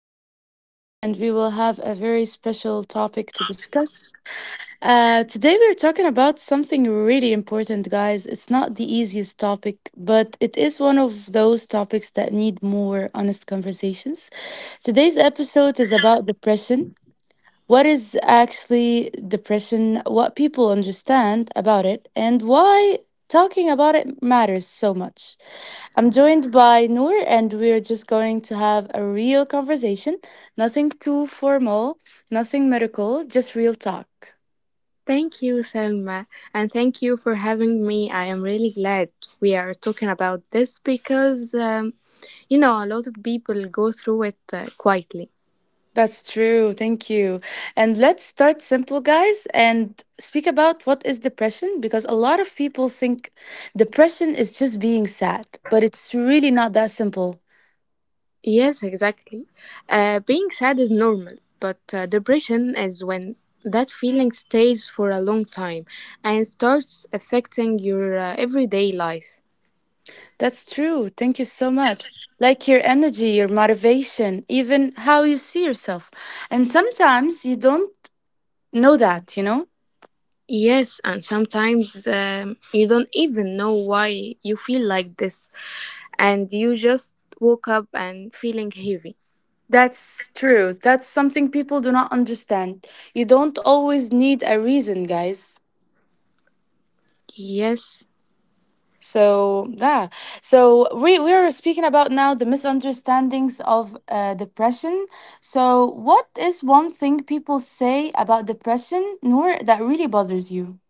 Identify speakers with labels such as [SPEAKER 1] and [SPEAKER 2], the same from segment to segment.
[SPEAKER 1] I'm Salma, and we will have a very special topic to discuss. Today, we're talking about something really important, guys. It's not the easiest topic, but it is one of those topics that need more honest conversations. Today's episode is about depression, what is actually depression, what people understand about it, and why talking about it matters so much. I'm joined by Noor, and we're just going to have a real conversation. Nothing too formal, nothing medical, just real talk.
[SPEAKER 2] Thank you, Selma, and thank you for having me. I am really glad we are talking about this because, a lot of people go through it quietly.
[SPEAKER 1] That's true. Thank you. And let's start simple, guys, and speak about what is depression because a lot of people think depression is just being sad, but it's really not that simple.
[SPEAKER 2] Yes, exactly. Being sad is normal, but depression is when that feeling stays for a long time and starts affecting your everyday life.
[SPEAKER 1] That's true. Thank you so much. Like your energy, your motivation, even how you see yourself. And sometimes you don't know that, you know?
[SPEAKER 2] Yes, and sometimes you don't even know why you feel like this, and you just woke up and feeling heavy.
[SPEAKER 1] That's true. That's something people do not understand. You don't always need a reason, guys.
[SPEAKER 2] Yes.
[SPEAKER 1] So, yeah. So, we are speaking about now the misunderstandings of depression. So, what is one thing people say about depression, Noor, that really bothers you?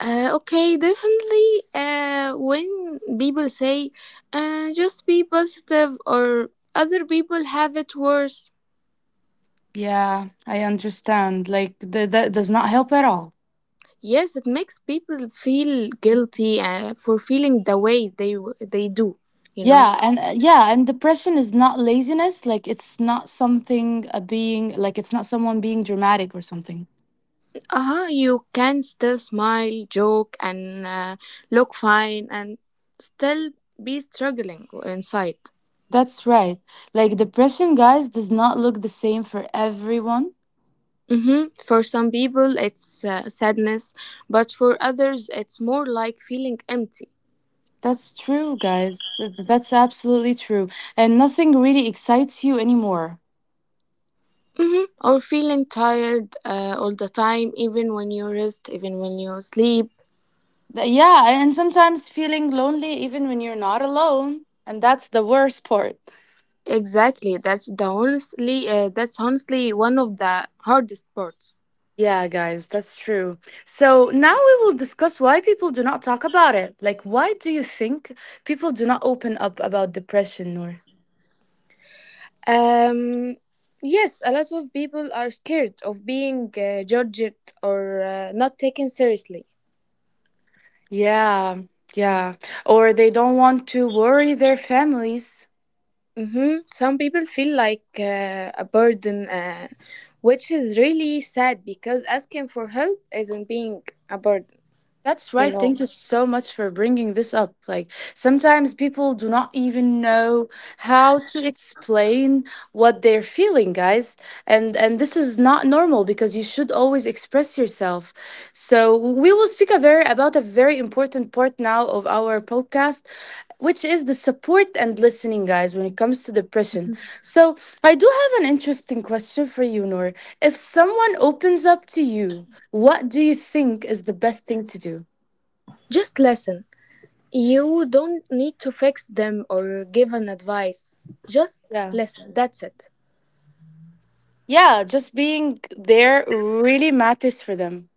[SPEAKER 2] Okay, definitely. When people say, just be positive, or other people have it worse.
[SPEAKER 1] Yeah, I understand. Like that does not help at all.
[SPEAKER 2] Yes, it makes people feel guilty for feeling the way they do. You know,
[SPEAKER 1] Yeah, and yeah, and depression is not laziness. Like it's not something a being like it's not someone being dramatic or something.
[SPEAKER 2] uh-huh, you can still smile, joke, and look fine, and still be struggling inside.
[SPEAKER 1] That's right. Like depression, guys, does not look the same for everyone.
[SPEAKER 2] Hmm. For some people, it's sadness, but for others, it's more like feeling empty.
[SPEAKER 1] That's true, guys. That's absolutely true. And nothing really excites you anymore.
[SPEAKER 2] Hmm, or feeling tired all the time, even when you rest, even when you sleep.
[SPEAKER 1] Yeah, and sometimes feeling lonely even when you're not alone, and that's the worst part.
[SPEAKER 2] Exactly, that's the honestly, that's honestly one of the hardest parts.
[SPEAKER 1] Yeah, guys, that's true. So now we will discuss why people do not talk about it. Like, why do you think people do not open up about depression, Noor?
[SPEAKER 2] Um, yes, a lot of people are scared of being judged or not taken seriously.
[SPEAKER 1] Yeah, yeah. Or they don't want to worry their families.
[SPEAKER 2] Hmm. Some people feel like a burden, which is really sad because asking for help isn't being a burden,
[SPEAKER 1] That's
[SPEAKER 2] you
[SPEAKER 1] right.
[SPEAKER 2] know.
[SPEAKER 1] Thank you so much for bringing this up. Like, sometimes people do not even know how to explain what they're feeling, guys. And this is not normal because you should always express yourself. So, we will speak a very about a very important part now of our podcast, which is the support and listening, guys, when it comes to depression. So, I do have an interesting question for you, Noor. If someone opens up to you, what do you think is the best thing to do?
[SPEAKER 2] Just listen. You don't need to fix them or give an advice. Just
[SPEAKER 1] Yeah.
[SPEAKER 2] listen. That's it.
[SPEAKER 1] Yeah, just being there really matters for them.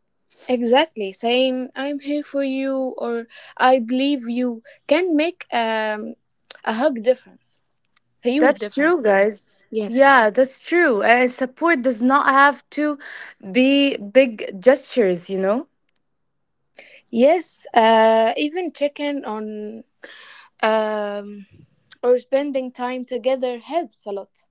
[SPEAKER 2] Exactly. Saying, "I'm here for you" or "I believe you" can make a hug difference. a huge
[SPEAKER 1] That's
[SPEAKER 2] difference.
[SPEAKER 1] true,
[SPEAKER 2] Sorry.
[SPEAKER 1] guys. Yeah, that's true. And support does not have to be big gestures, you know?
[SPEAKER 2] Yes, even checking on um, or spending time together helps a lot.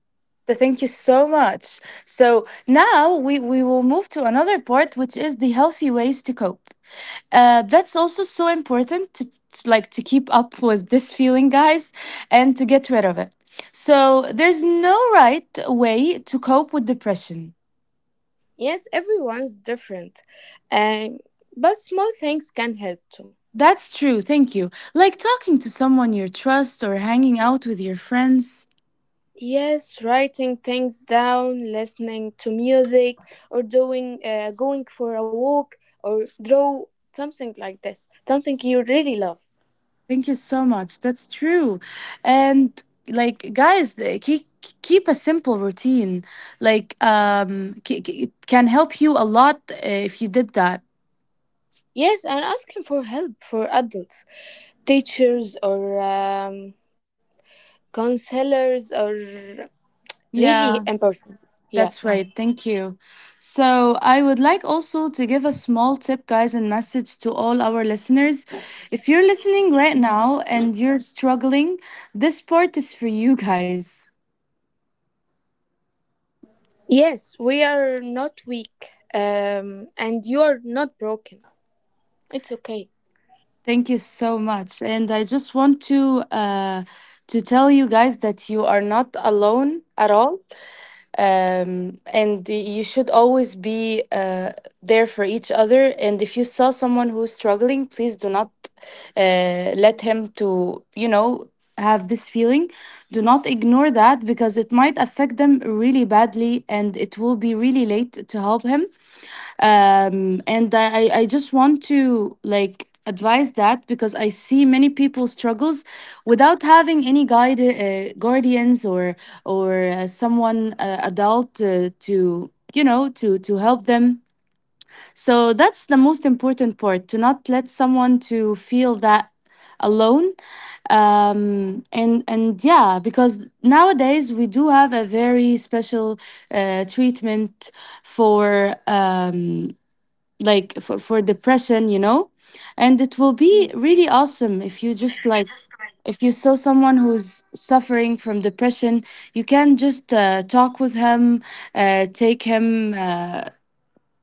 [SPEAKER 1] So thank you so much. So now we will move to another part, which is the healthy ways to cope. That's also so important to like to keep up with this feeling, guys, and to get rid of it. So there's no right way to cope with depression.
[SPEAKER 2] Yes, everyone's different, um, but small things can help too.
[SPEAKER 1] That's true, thank you. Like talking to someone you trust or hanging out with your friends.
[SPEAKER 2] Yes, writing things down, listening to music, or doing going for a walk, or draw something like this, something you really love.
[SPEAKER 1] Thank you so much, that's true. And like, guys, keep, keep a simple routine. Like it can help you a lot, if you did that.
[SPEAKER 2] Yes, and asking for help for adults, teachers, or counselors, or really
[SPEAKER 1] Yeah.
[SPEAKER 2] important. Yeah.
[SPEAKER 1] That's right. Thank you. So, I would like also to give a small tip, guys, and message to all our listeners. If you're listening right now and you're struggling, this part is for you, guys.
[SPEAKER 2] Yes, we are not weak, and you are not broken. It's okay.
[SPEAKER 1] Thank you so much. And I just want to tell you guys that you are not alone at all. And you should always be there for each other, and if you saw someone who's struggling, please do not let him, to you know, have this feeling. Do not ignore that because it might affect them really badly and it will be really late to help him. And I just want to like advise that because I see many people struggles without having any guide, guardians, or or someone, adult, to you know, to help them. So that's the most important part, to not let someone to feel that alone. And yeah, because nowadays we do have a very special treatment for like for depression, you know. And it will be
[SPEAKER 2] Yes.
[SPEAKER 1] really awesome if you just like, if you saw someone who's suffering from depression, you can just talk with him, take him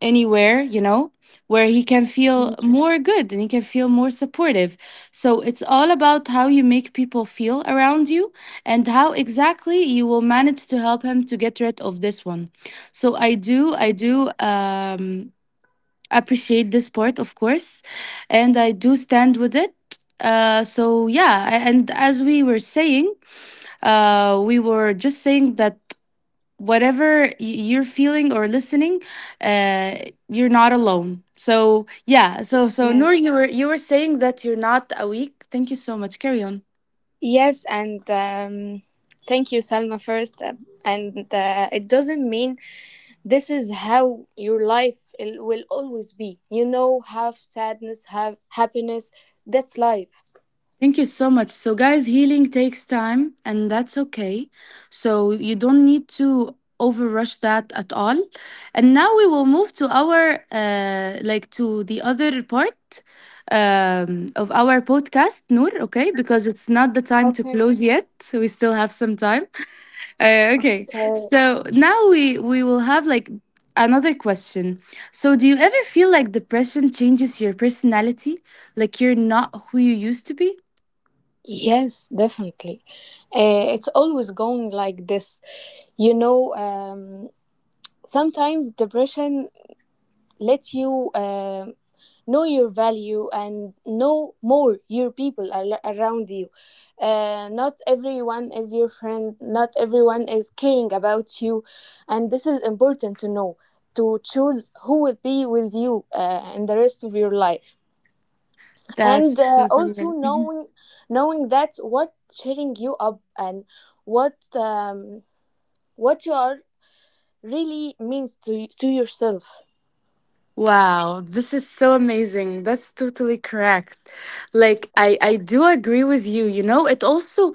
[SPEAKER 1] anywhere, you know, where he can
[SPEAKER 2] Mm.
[SPEAKER 1] feel more good and he can feel more supportive. So it's all about how you make people feel around you and how exactly you will manage to help him to get rid of this one. So I do appreciate the sport, of course, and I do stand with it. So yeah, and as we were saying, we were just saying that whatever you're feeling or listening, uh, you're not alone. So yeah, so so Noor,
[SPEAKER 2] Yes.
[SPEAKER 1] you were saying that you're not a weak. Thank you so much. Carry on.
[SPEAKER 2] Yes, and thank you, Salma, first. And it doesn't mean this is how your will always be. You know, have sadness, have happiness. That's life.
[SPEAKER 1] Thank you so much. So, guys, healing takes time, and that's okay. So, you don't need to overrush that at all. And now we will move to our, like, to the other part of our podcast, Noor, okay? Because it's not the time
[SPEAKER 2] Okay.
[SPEAKER 1] to close yet. So we still have some time. Okay.
[SPEAKER 2] Okay.
[SPEAKER 1] So, now we will have, like, another question. So, do you ever feel like depression changes your personality? Like, you're not who you used to be?
[SPEAKER 2] Yes, definitely. It's always going like this, you know. Um, sometimes depression let you know your value and know more your people around you. Not everyone is your friend, not everyone is caring about you, and this is important to know, to choose who will be with you in the rest of your life, and
[SPEAKER 1] That's
[SPEAKER 2] uh,
[SPEAKER 1] totally
[SPEAKER 2] also
[SPEAKER 1] right. Mhm.
[SPEAKER 2] knowing knowing that what cheering you up and what um, what you are really means to yourself.
[SPEAKER 1] Wow, this is so amazing. That's totally correct. Like I do agree with you. You know, it also,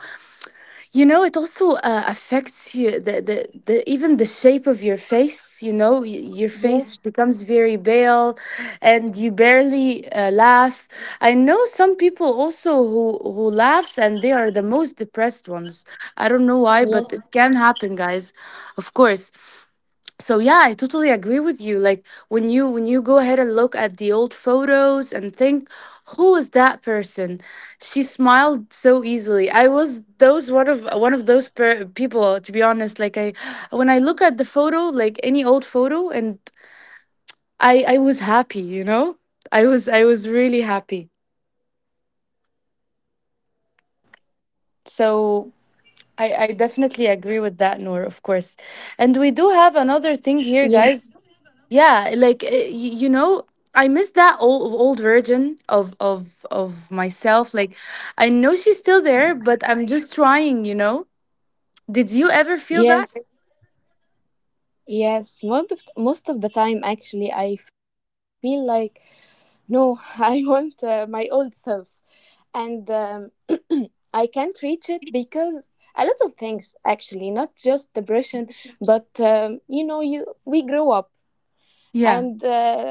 [SPEAKER 1] you know, it also affects you, the even the shape of your face. You know, your face
[SPEAKER 2] Yes.
[SPEAKER 1] becomes very pale, and you barely laugh. I know some people also who laughs, and they are the most depressed ones. I don't know why, but
[SPEAKER 2] Yes.
[SPEAKER 1] it can happen, guys. Of course, so yeah, I totally agree with you. Like when you, when you go ahead and look at the old photos and think, who is that person? She smiled so easily. I was those one of those people, to be honest. Like I, when I look at the photo, like any old photo, and I was happy, you know. I was really happy. So I definitely agree with that, Nor, of course. And we do have another thing here,
[SPEAKER 2] Yes,
[SPEAKER 1] guys. Yeah, like you know, I miss that old version of of myself. Like I know she's still there, but I'm just trying, you know. Did you ever feel that?
[SPEAKER 2] yes, yes. Most of the time, actually, I feel like no, I want my old self, and I can't reach it because a lot of things, actually, not just depression, but you know, you we grow up,
[SPEAKER 1] Yeah.
[SPEAKER 2] and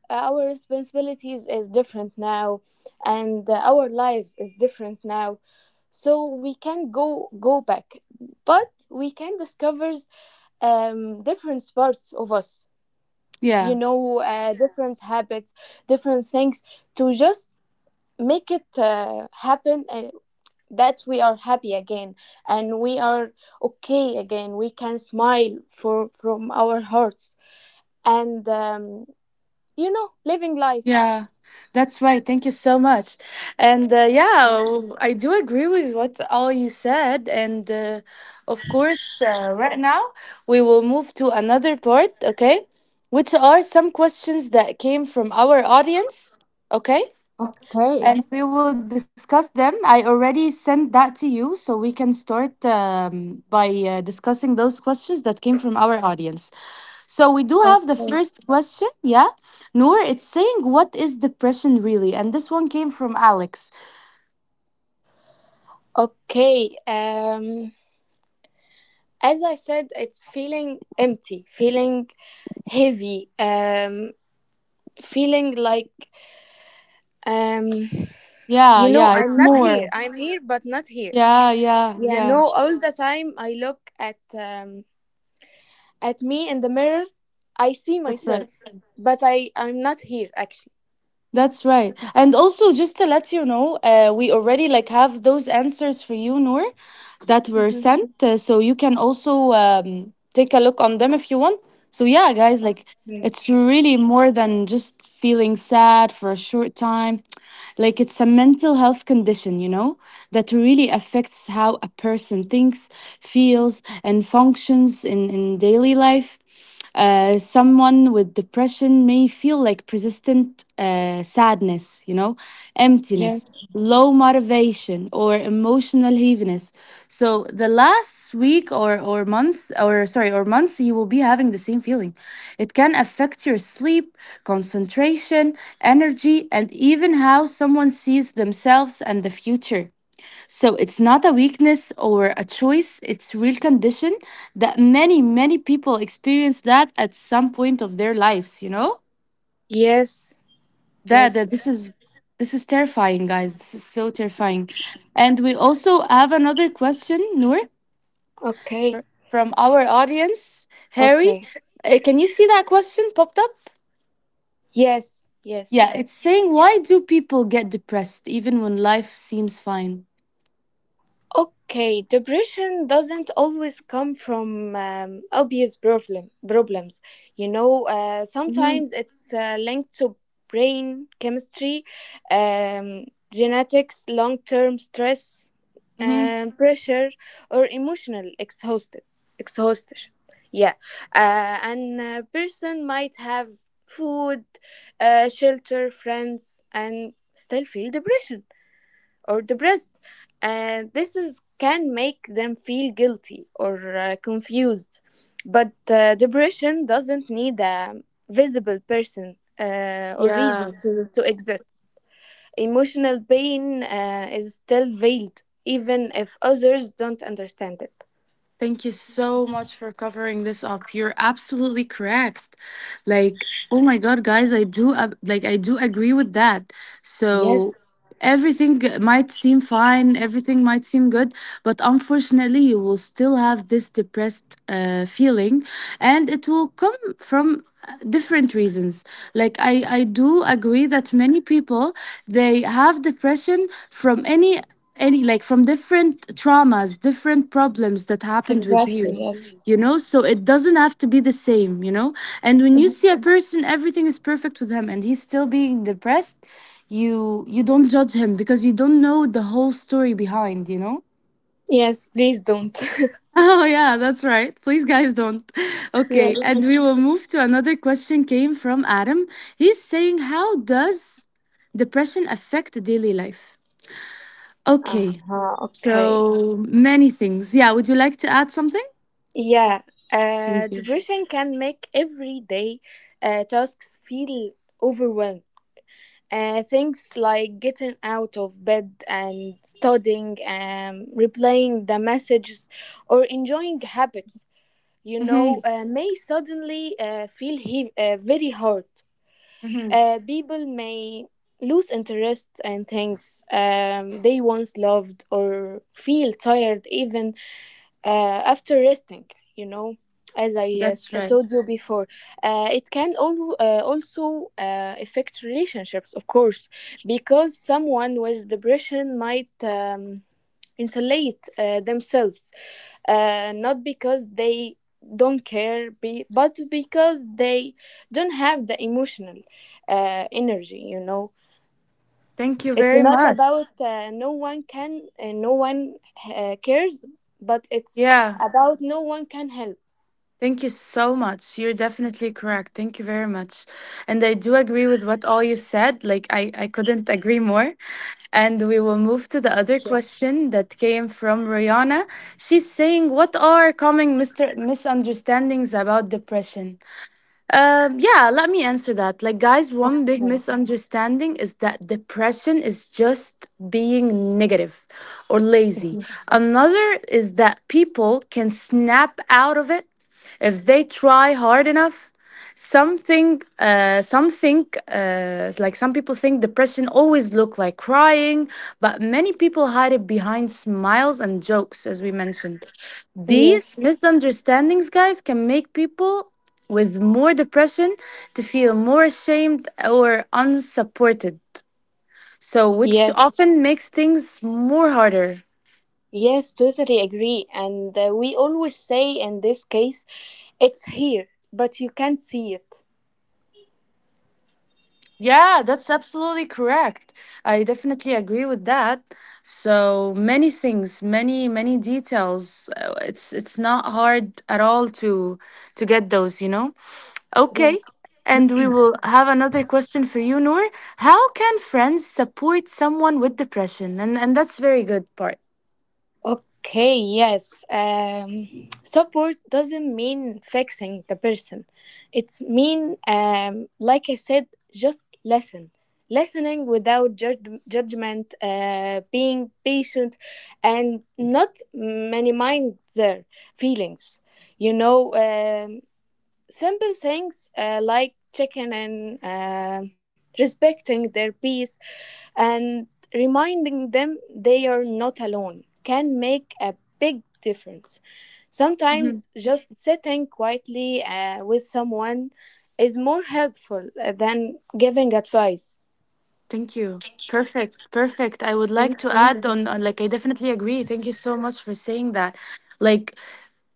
[SPEAKER 2] our responsibilities is different now, and our lives is different now, so we can go back, but we can discover different parts of us, you
[SPEAKER 1] Yeah.
[SPEAKER 2] know, different habits, different things to just make it happen, and that we are happy again and we are okay again. We can smile for, from our hearts, and, you know, living life.
[SPEAKER 1] Yeah. That's right. Thank you so much. And yeah, I do agree with what all you said and of course, right now we will move to another part, okay? Which are some questions that came from our audience, okay? And
[SPEAKER 2] Okay.
[SPEAKER 1] we will discuss them. I already sent that to you, so we can start by discussing those questions that came from our audience. So we do have the
[SPEAKER 2] Okay.
[SPEAKER 1] first question, yeah, Noor. It's saying, "What is depression really?" And this one came from Alex.
[SPEAKER 2] Okay. As I said, it's feeling empty, feeling heavy, feeling like um,
[SPEAKER 1] Yeah,
[SPEAKER 2] you know,
[SPEAKER 1] yeah,
[SPEAKER 2] I'm
[SPEAKER 1] it's
[SPEAKER 2] not here.
[SPEAKER 1] more.
[SPEAKER 2] I'm here, but not here.
[SPEAKER 1] Yeah, yeah,
[SPEAKER 2] Yeah,
[SPEAKER 1] yeah.
[SPEAKER 2] no, all the time I look at me in the mirror, I see
[SPEAKER 1] That's
[SPEAKER 2] myself,
[SPEAKER 1] right.
[SPEAKER 2] but I'm not here actually.
[SPEAKER 1] That's right. And also, just to let you know, we already like have those answers for you, Noor, that were
[SPEAKER 2] Hmm.
[SPEAKER 1] sent. So you can also take a look on them if you want. So yeah, guys, like it's really more than just feeling sad for a short time. Like it's a mental health condition, you know, that really affects how a person thinks, feels, and functions in daily life. Someone with depression may feel like persistent sadness, you know, emptiness,
[SPEAKER 2] Yes.
[SPEAKER 1] low motivation, or emotional heaviness. So the last week or months or sorry or months, you will be having the same feeling. It can affect your sleep, concentration, energy, and even how someone sees themselves and the future. So it's not a weakness or a choice, it's real condition that many, many people experience that at some point of their lives, you know?
[SPEAKER 2] Yes.
[SPEAKER 1] That
[SPEAKER 2] Yes.
[SPEAKER 1] that this is, this is terrifying, guys. This is so terrifying. And we also have another question, Noor,
[SPEAKER 2] Okay.
[SPEAKER 1] from our audience. Harry,
[SPEAKER 2] Okay.
[SPEAKER 1] can you see that question popped up?
[SPEAKER 2] Yes. Yes.
[SPEAKER 1] Yeah, it's saying, why do people get depressed even when life seems fine?
[SPEAKER 2] Okay, depression doesn't always come from obvious problems. You know, sometimes it's linked to brain chemistry, um, genetics, long-term stress, pressure, or emotional exhausted exhaustion. Yeah, and a person might have food, shelter, friends, and still feel depression or depressed, and this is can make them feel guilty or confused, but depression doesn't need a visible person or reason to exist. Emotional pain is still veiled even if others don't understand it.
[SPEAKER 1] Thank you so much for covering this up. You're absolutely correct. Like, oh my god, guys, I do like I do agree with that.
[SPEAKER 2] Yes,
[SPEAKER 1] So might seem fine, everything might seem good, but unfortunately, you will still have this depressed feeling, and it will come from different reasons. Like I do agree that many people, they have depression from any like from different traumas, different problems that happened with you,
[SPEAKER 2] exactly. Yes.
[SPEAKER 1] you know? So it doesn't have to be the same, you know. And when you see a person, everything is perfect with him and he's still being depressed, you don't judge him because you don't know the whole story behind, you know.
[SPEAKER 2] Yes, please don't.
[SPEAKER 1] Oh yeah, that's right, please guys don't. Okay,
[SPEAKER 2] Yes.
[SPEAKER 1] and we will move to another question came from Adam. He's saying, how does depression affect daily life? Okay,
[SPEAKER 2] Okay.
[SPEAKER 1] so many things. Yeah, would you like to add something?
[SPEAKER 2] Yeah,
[SPEAKER 1] Thank you.
[SPEAKER 2] depression can make everyday tasks feel overwhelming. Things like getting out of bed and studying, replaying the messages, or enjoying habits, you
[SPEAKER 1] Hmm.
[SPEAKER 2] know, may suddenly feel very hard.
[SPEAKER 1] Hmm.
[SPEAKER 2] People may lose interest in things they once loved, or feel tired even after resting, you know, as i uh, s-
[SPEAKER 1] That's
[SPEAKER 2] uh,
[SPEAKER 1] right.
[SPEAKER 2] told you before. It can also affect relationships, of course, because someone with depression might insulate themselves, not because they don't care be, but because they don't have the emotional energy, you know.
[SPEAKER 1] Thank you
[SPEAKER 2] It's
[SPEAKER 1] very
[SPEAKER 2] not
[SPEAKER 1] much.
[SPEAKER 2] about no one cares, but it's
[SPEAKER 1] Yeah.
[SPEAKER 2] about no one can help.
[SPEAKER 1] Thank you so much. You're definitely correct. Thank you very much. And I do agree with what all you've said. Like, I couldn't agree more. And we will move to the
[SPEAKER 2] Okay.
[SPEAKER 1] other question that came from Rihanna. She's saying, what are common misunderstandings about depression? Yeah, let me answer that. Like, guys, one big
[SPEAKER 2] Okay,
[SPEAKER 1] misunderstanding is that depression is just being negative or lazy. Another is that people can snap out of it if they try hard enough. Like, some people think depression always look like crying, but many people hide it behind smiles and jokes, as we mentioned. These
[SPEAKER 2] yes.
[SPEAKER 1] misunderstandings, guys, can make people with more depression to feel more ashamed or unsupported. So, which
[SPEAKER 2] Yes,
[SPEAKER 1] often makes things more harder.
[SPEAKER 2] yes, totally agree, and we always say in this case, it's here but you can't see it.
[SPEAKER 1] Yeah, that's absolutely correct. I definitely agree with that. So many things, many many details. It's not hard at all to get those, you know. Okay.
[SPEAKER 2] Yes.
[SPEAKER 1] And we will have another question for you, Noor. How can friends support someone with depression? And that's very good part.
[SPEAKER 2] Okay, yes. Support doesn't mean fixing the person. It's mean, like I said, just listen. Listening without judgment, being patient, and not minimize their feelings. You know, um simple things like checking in, respecting their peace, and reminding them they are not alone can make a big difference. Sometimes just sitting quietly with someone is more helpful than giving advice.
[SPEAKER 1] Thank you. Perfect. Perfect. I would like to
[SPEAKER 2] Thank
[SPEAKER 1] add on like, I definitely agree. Thank you so much for saying that. Like,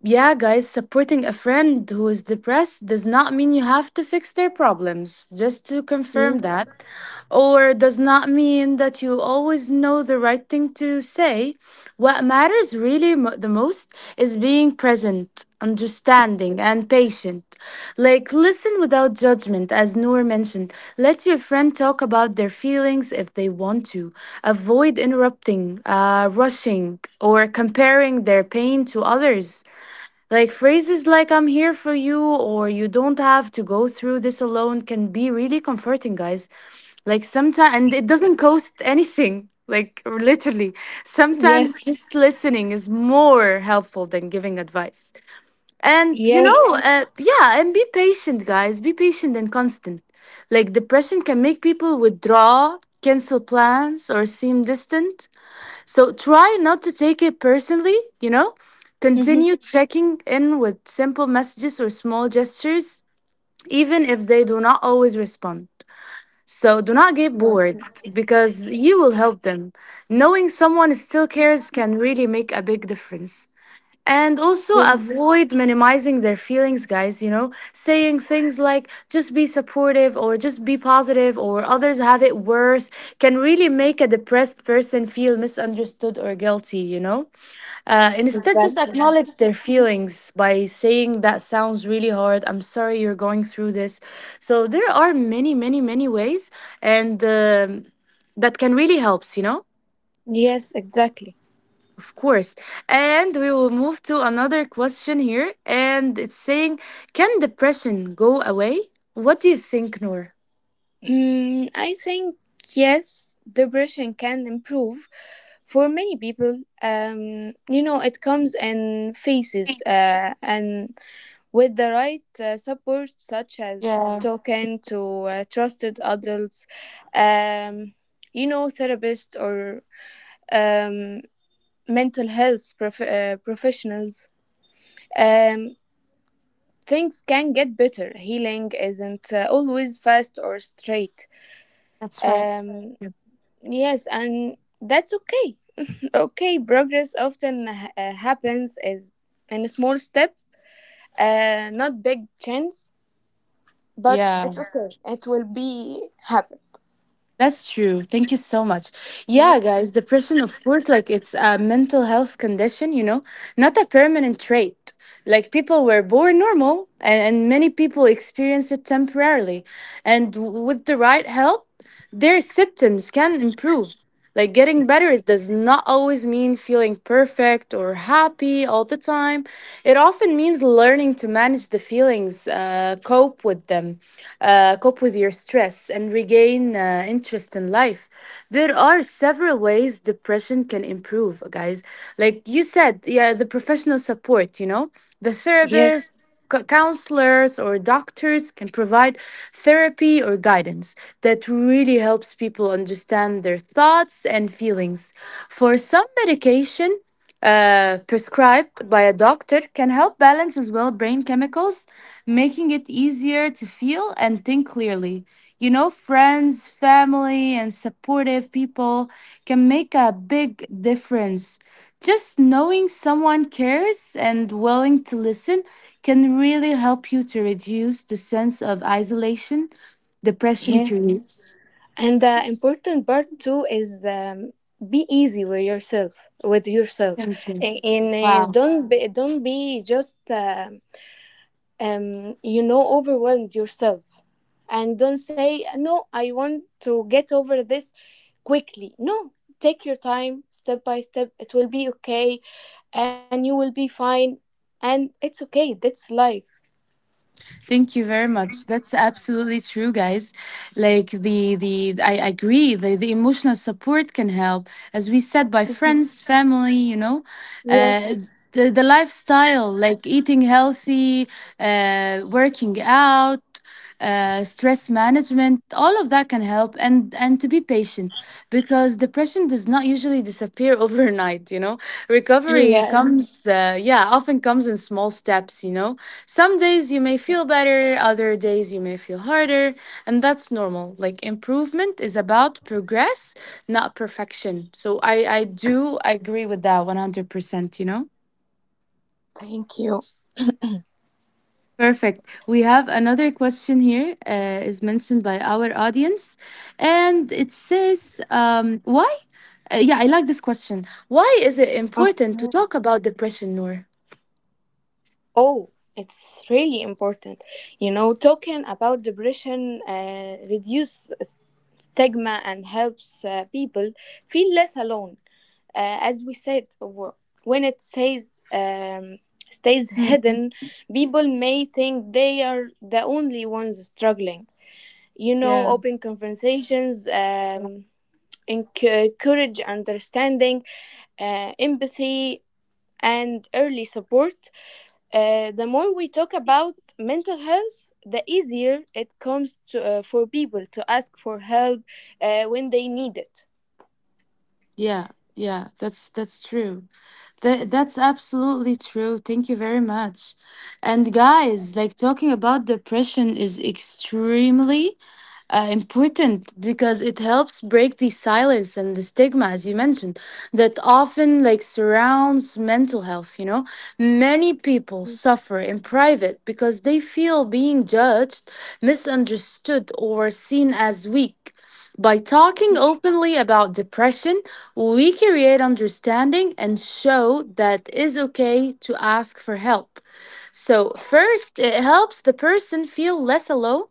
[SPEAKER 1] yeah, guys, supporting a friend who is depressed does not mean you have to fix their problems, just to confirm
[SPEAKER 2] you.
[SPEAKER 1] that. Or does not mean that you always know the right thing to say. What matters really the most is being present, understanding, and patient. Like, listen without judgment, as Noor mentioned. Let your friend talk about their feelings if they want to. Avoid interrupting, rushing, or comparing their pain to others. Like, phrases like I'm here for you or you don't have to go through this alone can be really comforting, guys. Like, sometimes, and it doesn't cost anything. Like, literally,
[SPEAKER 2] Yes.
[SPEAKER 1] sometimes just listening is more helpful than giving advice. And
[SPEAKER 2] Yes.
[SPEAKER 1] yeah, and be patient, guys. Be patient and constant. Like, depression can make people withdraw, cancel plans, or seem distant. So try not to take it personally, you know?
[SPEAKER 2] Mhm.
[SPEAKER 1] Continue checking in with simple messages or small gestures, even if they do not always respond. So do not get bored because you will help them. Knowing someone still cares can really make a big difference. And also avoid minimizing their feelings, guys, you know, saying things like just be supportive or just be positive or others have it worse can really make a depressed person feel misunderstood or guilty, you know. Instead, just
[SPEAKER 2] Exactly.
[SPEAKER 1] acknowledge their feelings by saying that sounds really hard. I'm sorry you're going through this. So there are many, many, many ways and that can really helps, you know.
[SPEAKER 2] Yes, exactly.
[SPEAKER 1] Of course. And we will move to another question here. And it's saying, can depression go away? What do you think, Noor?
[SPEAKER 2] Mm, I think yes, depression can improve for many people. You know, it comes in phases, and with the right support, such as
[SPEAKER 1] Yeah,
[SPEAKER 2] talking to trusted adults, um, you know, therapists or um, mental health professionals. Um, things can get better. Healing isn't always fast or straight.
[SPEAKER 1] that's right.
[SPEAKER 2] Um, Yes, and that's okay. Okay, progress often happens as in a small step, not big chance, but
[SPEAKER 1] Yeah,
[SPEAKER 2] it's okay. It will be happen.
[SPEAKER 1] that's true. Thank you so much. Yeah, guys, depression, of course, like, it's a mental health condition, you know, not a permanent trait. Like, people were born normal, and many people experience it temporarily. And with the right help, their symptoms can improve. Like, getting better, it does not always mean feeling perfect or happy all the time. It often means learning to manage the feelings, cope with them, cope with your stress, and regain interest in life. There are several ways depression can improve, guys. Like you said, yeah, the professional support, you know, the
[SPEAKER 2] Yes,
[SPEAKER 1] therapist, counselors or doctors can provide therapy or guidance that really helps people understand their thoughts and feelings. For some medication, prescribed by a doctor can help balance as well brain chemicals, making it easier to feel and think clearly. You know, friends, family, and supportive people can make a big difference. Just knowing someone cares and willing to listen can really help you to reduce the sense of isolation depression
[SPEAKER 2] yes.
[SPEAKER 1] creates.
[SPEAKER 2] And the important part too is be easy with yourself,
[SPEAKER 1] Thank you.
[SPEAKER 2] And,
[SPEAKER 1] Wow.
[SPEAKER 2] don't be just you know, overwhelmed yourself, and don't say, "No, I want to get over this quickly." No, take your time, step by step. It will be okay, and you will be fine, and it's okay. That's life.
[SPEAKER 1] Thank you very much. That's absolutely true, guys. Like, the I agree that the emotional support can help, as we said, by
[SPEAKER 2] Mhm.
[SPEAKER 1] friends, family, you know.
[SPEAKER 2] Yes.
[SPEAKER 1] It's the lifestyle, like eating healthy, uh, working out, stress management, all of that can help. And to be patient, because depression does not usually disappear overnight, you know. Recovery
[SPEAKER 2] Yes,
[SPEAKER 1] comes yeah, often comes in small steps, you know. Some days you may feel better, other days you may feel harder, and that's normal. Like, improvement is about progress, not perfection. So I do agree with that 100%, you know.
[SPEAKER 2] thank you.
[SPEAKER 1] Perfect. We have another question here, is mentioned by our audience, and it says, "Why?" Yeah, I like this question. Why is it
[SPEAKER 2] Uh,
[SPEAKER 1] important to talk about depression, Noor?
[SPEAKER 2] oh it's really important, you know. Talking about depression reduce s- stigma and helps people feel less alone, as we said. W- when it says stays
[SPEAKER 1] Mm.
[SPEAKER 2] hidden, people may think they are the only ones struggling. You know,
[SPEAKER 1] Yeah,
[SPEAKER 2] open conversations, enc- encourage understanding, empathy, and early support. The more we talk about mental health, the easier it comes to, for people to ask for help when they need it.
[SPEAKER 1] yeah, yeah. that's true. That that's absolutely true. Thank you very much. And guys, like, talking about depression is extremely important because it helps break the silence and the stigma, as you mentioned, that often like surrounds mental health. You know, many people suffer in private because they feel being judged, misunderstood, or seen as weak. By talking openly about depression, we create understanding and show that it's okay to ask for help. So, first, it helps the person feel less alone.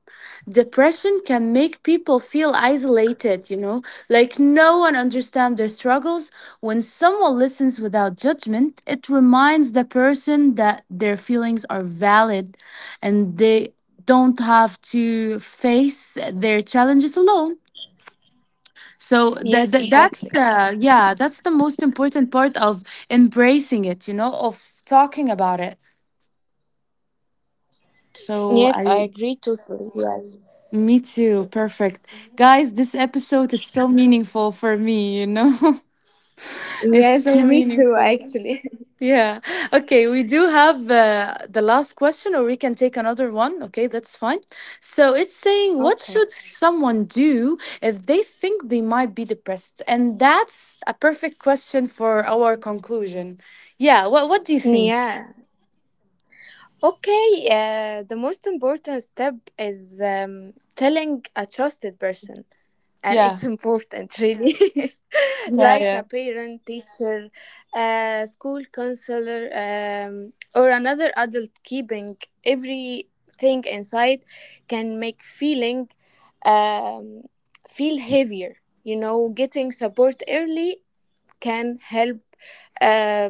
[SPEAKER 1] Depression can make people feel isolated, you know, like no one understands their struggles. When someone listens without judgment, it reminds the person that their feelings are valid and they don't have to face their challenges alone. So
[SPEAKER 2] Yes,
[SPEAKER 1] that
[SPEAKER 2] exactly.
[SPEAKER 1] that's yeah, that's the most important part of embracing it, you know, of talking about it. So
[SPEAKER 2] Yes, I
[SPEAKER 1] I.
[SPEAKER 2] agree totally.
[SPEAKER 1] Me too. Perfect. Guys, this episode is so meaningful for me, you know? It's
[SPEAKER 2] Yes,
[SPEAKER 1] so
[SPEAKER 2] me too,
[SPEAKER 1] meaningful.
[SPEAKER 2] actually.
[SPEAKER 1] Yeah. Okay, we do have the last question, or we can take another one. Okay, that's fine. So it's saying, what
[SPEAKER 2] Okay.
[SPEAKER 1] should someone do if they think they might be depressed? And that's a perfect question for our conclusion. Yeah. What do you think?
[SPEAKER 2] Yeah. Okay, the most important step is telling a trusted person, and
[SPEAKER 1] Yeah.
[SPEAKER 2] it's important, really.
[SPEAKER 1] Yeah.
[SPEAKER 2] Like a
[SPEAKER 1] Yeah.
[SPEAKER 2] parent, teacher, school counselor, or another adult. Keeping everything inside can make um, feel heavier. You know, getting support early can help, uh,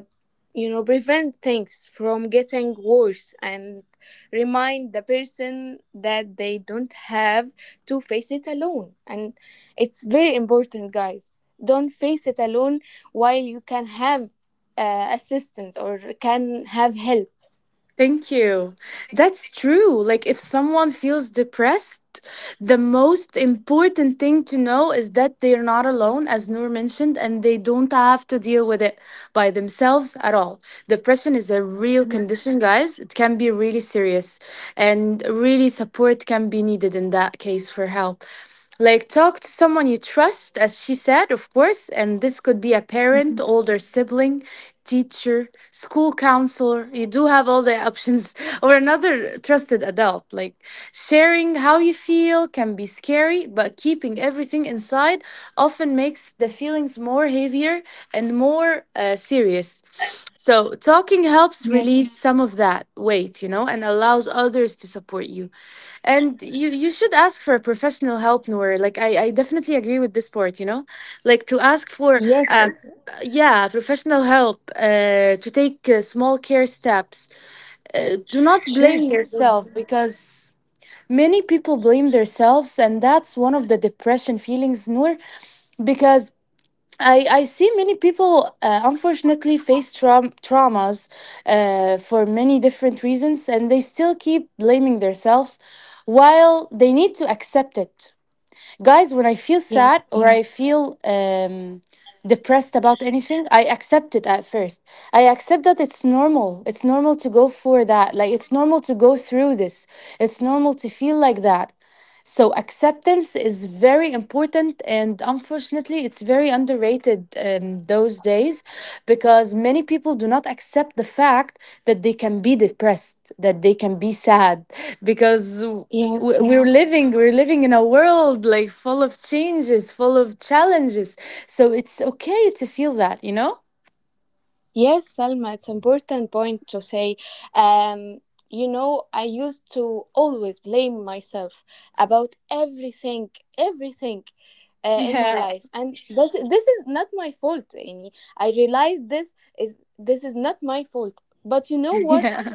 [SPEAKER 2] you know, prevent things from getting worse and remind the person that they don't have to face it alone. And it's very important, guys, don't face it alone while you can have assistance or can have help.
[SPEAKER 1] Thank you. That's true. Like, if someone feels depressed, the most important thing to know is that they're not alone, as Noor mentioned, and they don't have to deal with it by themselves at all. Depression is a real
[SPEAKER 2] Yes.
[SPEAKER 1] condition, guys. It can be really serious, and really support can be needed in that case for help. Like, talk to someone you trust, as she said, of course. And this could be a parent, older sibling, teacher, school counselor. You do have all the options. Or another trusted adult. Like, sharing how you feel can be scary, but keeping everything inside often makes the feelings more heavier and more serious. So talking helps
[SPEAKER 2] Yes.
[SPEAKER 1] release some of that weight, you know, and allows others to support you. And you should ask for professional help, Noor. Like I definitely agree with this part, you know? Like to ask for
[SPEAKER 2] Yes,
[SPEAKER 1] uh
[SPEAKER 2] it's
[SPEAKER 1] yeah, professional help, to take small care steps. Do not
[SPEAKER 2] true.
[SPEAKER 1] blame yourself because many people blame themselves, and that's one of the depression feelings, Noor, because I see many people unfortunately face traumas for many different reasons, and they still keep blaming themselves while they need to accept it. Guys, when I feel
[SPEAKER 2] Yes.
[SPEAKER 1] sad or yeah, I feel depressed about anything, I accept it at first. I accept that it's normal. It's normal to go for that. Like, it's normal to go through this. It's normal to feel like that. So acceptance is very important, and unfortunately it's very underrated those days, because many people do not accept the fact that they can be depressed, that they can be sad, because we're
[SPEAKER 2] Yes.
[SPEAKER 1] living we're living in a world like full of changes, full of challenges. So it's okay to feel that, you know.
[SPEAKER 2] Yes, Salma, it's an important point to say. Um, you know, I used to always blame myself about everything, everything in my
[SPEAKER 1] Yeah.
[SPEAKER 2] life, and this is not my fault. Any, I realized this is not my fault. But you know what?
[SPEAKER 1] yeah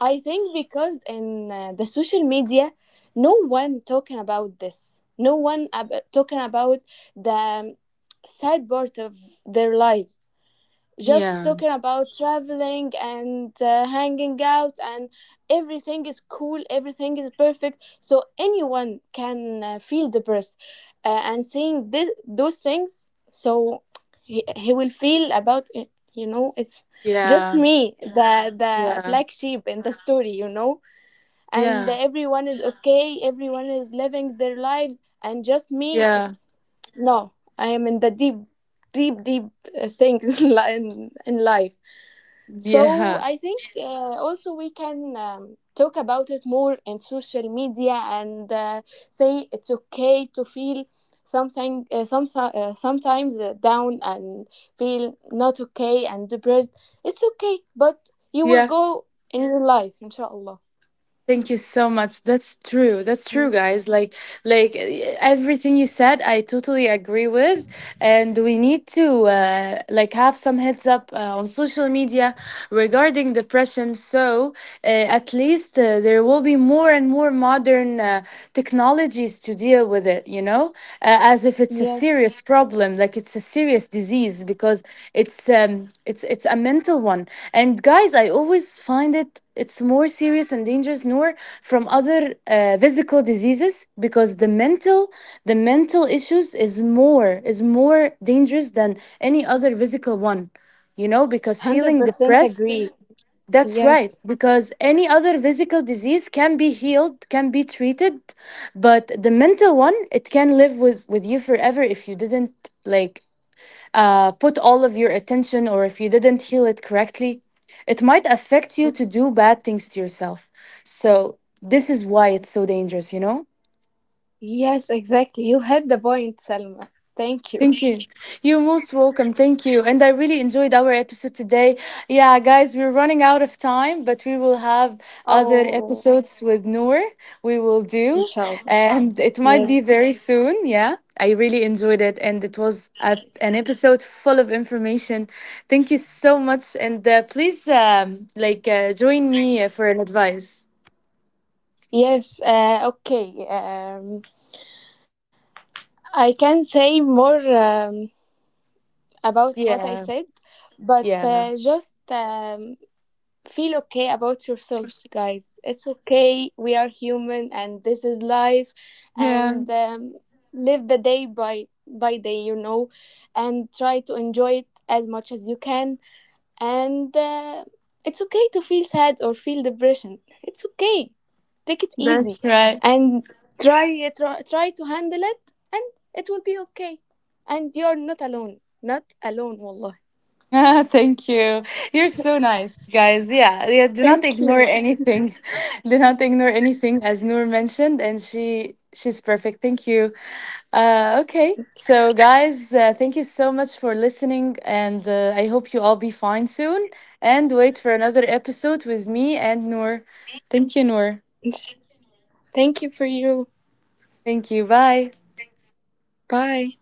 [SPEAKER 2] I think because in the social media, no one talking about this. No one talking about the sad part of their lives, just
[SPEAKER 1] yeah
[SPEAKER 2] talking about traveling and hanging out, and everything is cool, everything is perfect, so anyone can feel depressed, and seeing this, those things, so he will feel about it, you know. It's just
[SPEAKER 1] yeah
[SPEAKER 2] me, the
[SPEAKER 1] yeah
[SPEAKER 2] black sheep in the story, you know, and
[SPEAKER 1] yeah
[SPEAKER 2] everyone is okay, everyone is living their lives, and just me.
[SPEAKER 1] yeah
[SPEAKER 2] It's no, I am in the deep, deep, deep thing in life. So
[SPEAKER 1] yeah
[SPEAKER 2] I think also we can talk about it more in social media, and say it's okay to feel something sometimes down, and feel not okay and depressed. It's okay, but you will
[SPEAKER 1] yeah
[SPEAKER 2] go in your life, inshallah.
[SPEAKER 1] Thank you so much. That's true. That's true,
[SPEAKER 2] Mm.
[SPEAKER 1] guys. Like, eh, everything you said, I totally agree with. And we need to like have some heads up on social media regarding depression. So uh, at least there will be more and more modern technologies to deal with it. You know, as if it's a
[SPEAKER 2] Yes,
[SPEAKER 1] serious problem, like it's a serious disease, because it's a mental one. And guys, I always find it, it's more serious and dangerous, Nor, from other physical diseases, because the mental, the mental issues is more dangerous than any other physical one, you know, because feeling
[SPEAKER 2] 100%
[SPEAKER 1] depressed,
[SPEAKER 2] agree.
[SPEAKER 1] that's right,
[SPEAKER 2] Yes.
[SPEAKER 1] because any other physical disease can be healed, can be treated, but the mental one, it can live with you forever if you didn't like put all of your attention, or if you didn't heal it correctly. It might affect you to do bad things to yourself. So, this is why it's so dangerous, you know?
[SPEAKER 2] Yes, exactly. You had the point, Selma. Thank you.
[SPEAKER 1] Thank you. You're most welcome. Thank you. And I really enjoyed our episode today. Yeah, guys, we're running out of time, but we will have other
[SPEAKER 2] Oh,
[SPEAKER 1] episodes with Noor. We will do.
[SPEAKER 2] inshallah.
[SPEAKER 1] And it might be
[SPEAKER 2] Yes.
[SPEAKER 1] very soon. Yeah. I really enjoyed it. And it was a, an episode full of information. Thank you so much. And please, like, join me for an advice.
[SPEAKER 2] Yes, okay. I can say more about what I
[SPEAKER 1] Yeah.
[SPEAKER 2] said, but
[SPEAKER 1] Yeah.
[SPEAKER 2] just feel okay about yourselves, guys. It's okay. We are human, and this is life,
[SPEAKER 1] Yeah.
[SPEAKER 2] and live the day by day, you know, and try to enjoy it as much as you can, and it's okay to feel sad or feel depression. It's okay, take it easy,
[SPEAKER 1] That's right.
[SPEAKER 2] and try to handle it, and it will be okay, and you're not alone. Not alone, والله.
[SPEAKER 1] Thank you. You're so nice, guys. Yeah, yeah. Do not
[SPEAKER 2] Thank
[SPEAKER 1] ignore
[SPEAKER 2] you.
[SPEAKER 1] anything. Do not ignore anything, as Noor mentioned, and she's perfect. Thank you. Okay. So, guys, thank you so much for listening, and I hope you all be fine soon. And wait for another episode with me and Noor. Thank you, Noor.
[SPEAKER 2] Thank you for you.
[SPEAKER 1] Thank you. Bye.
[SPEAKER 2] Bye.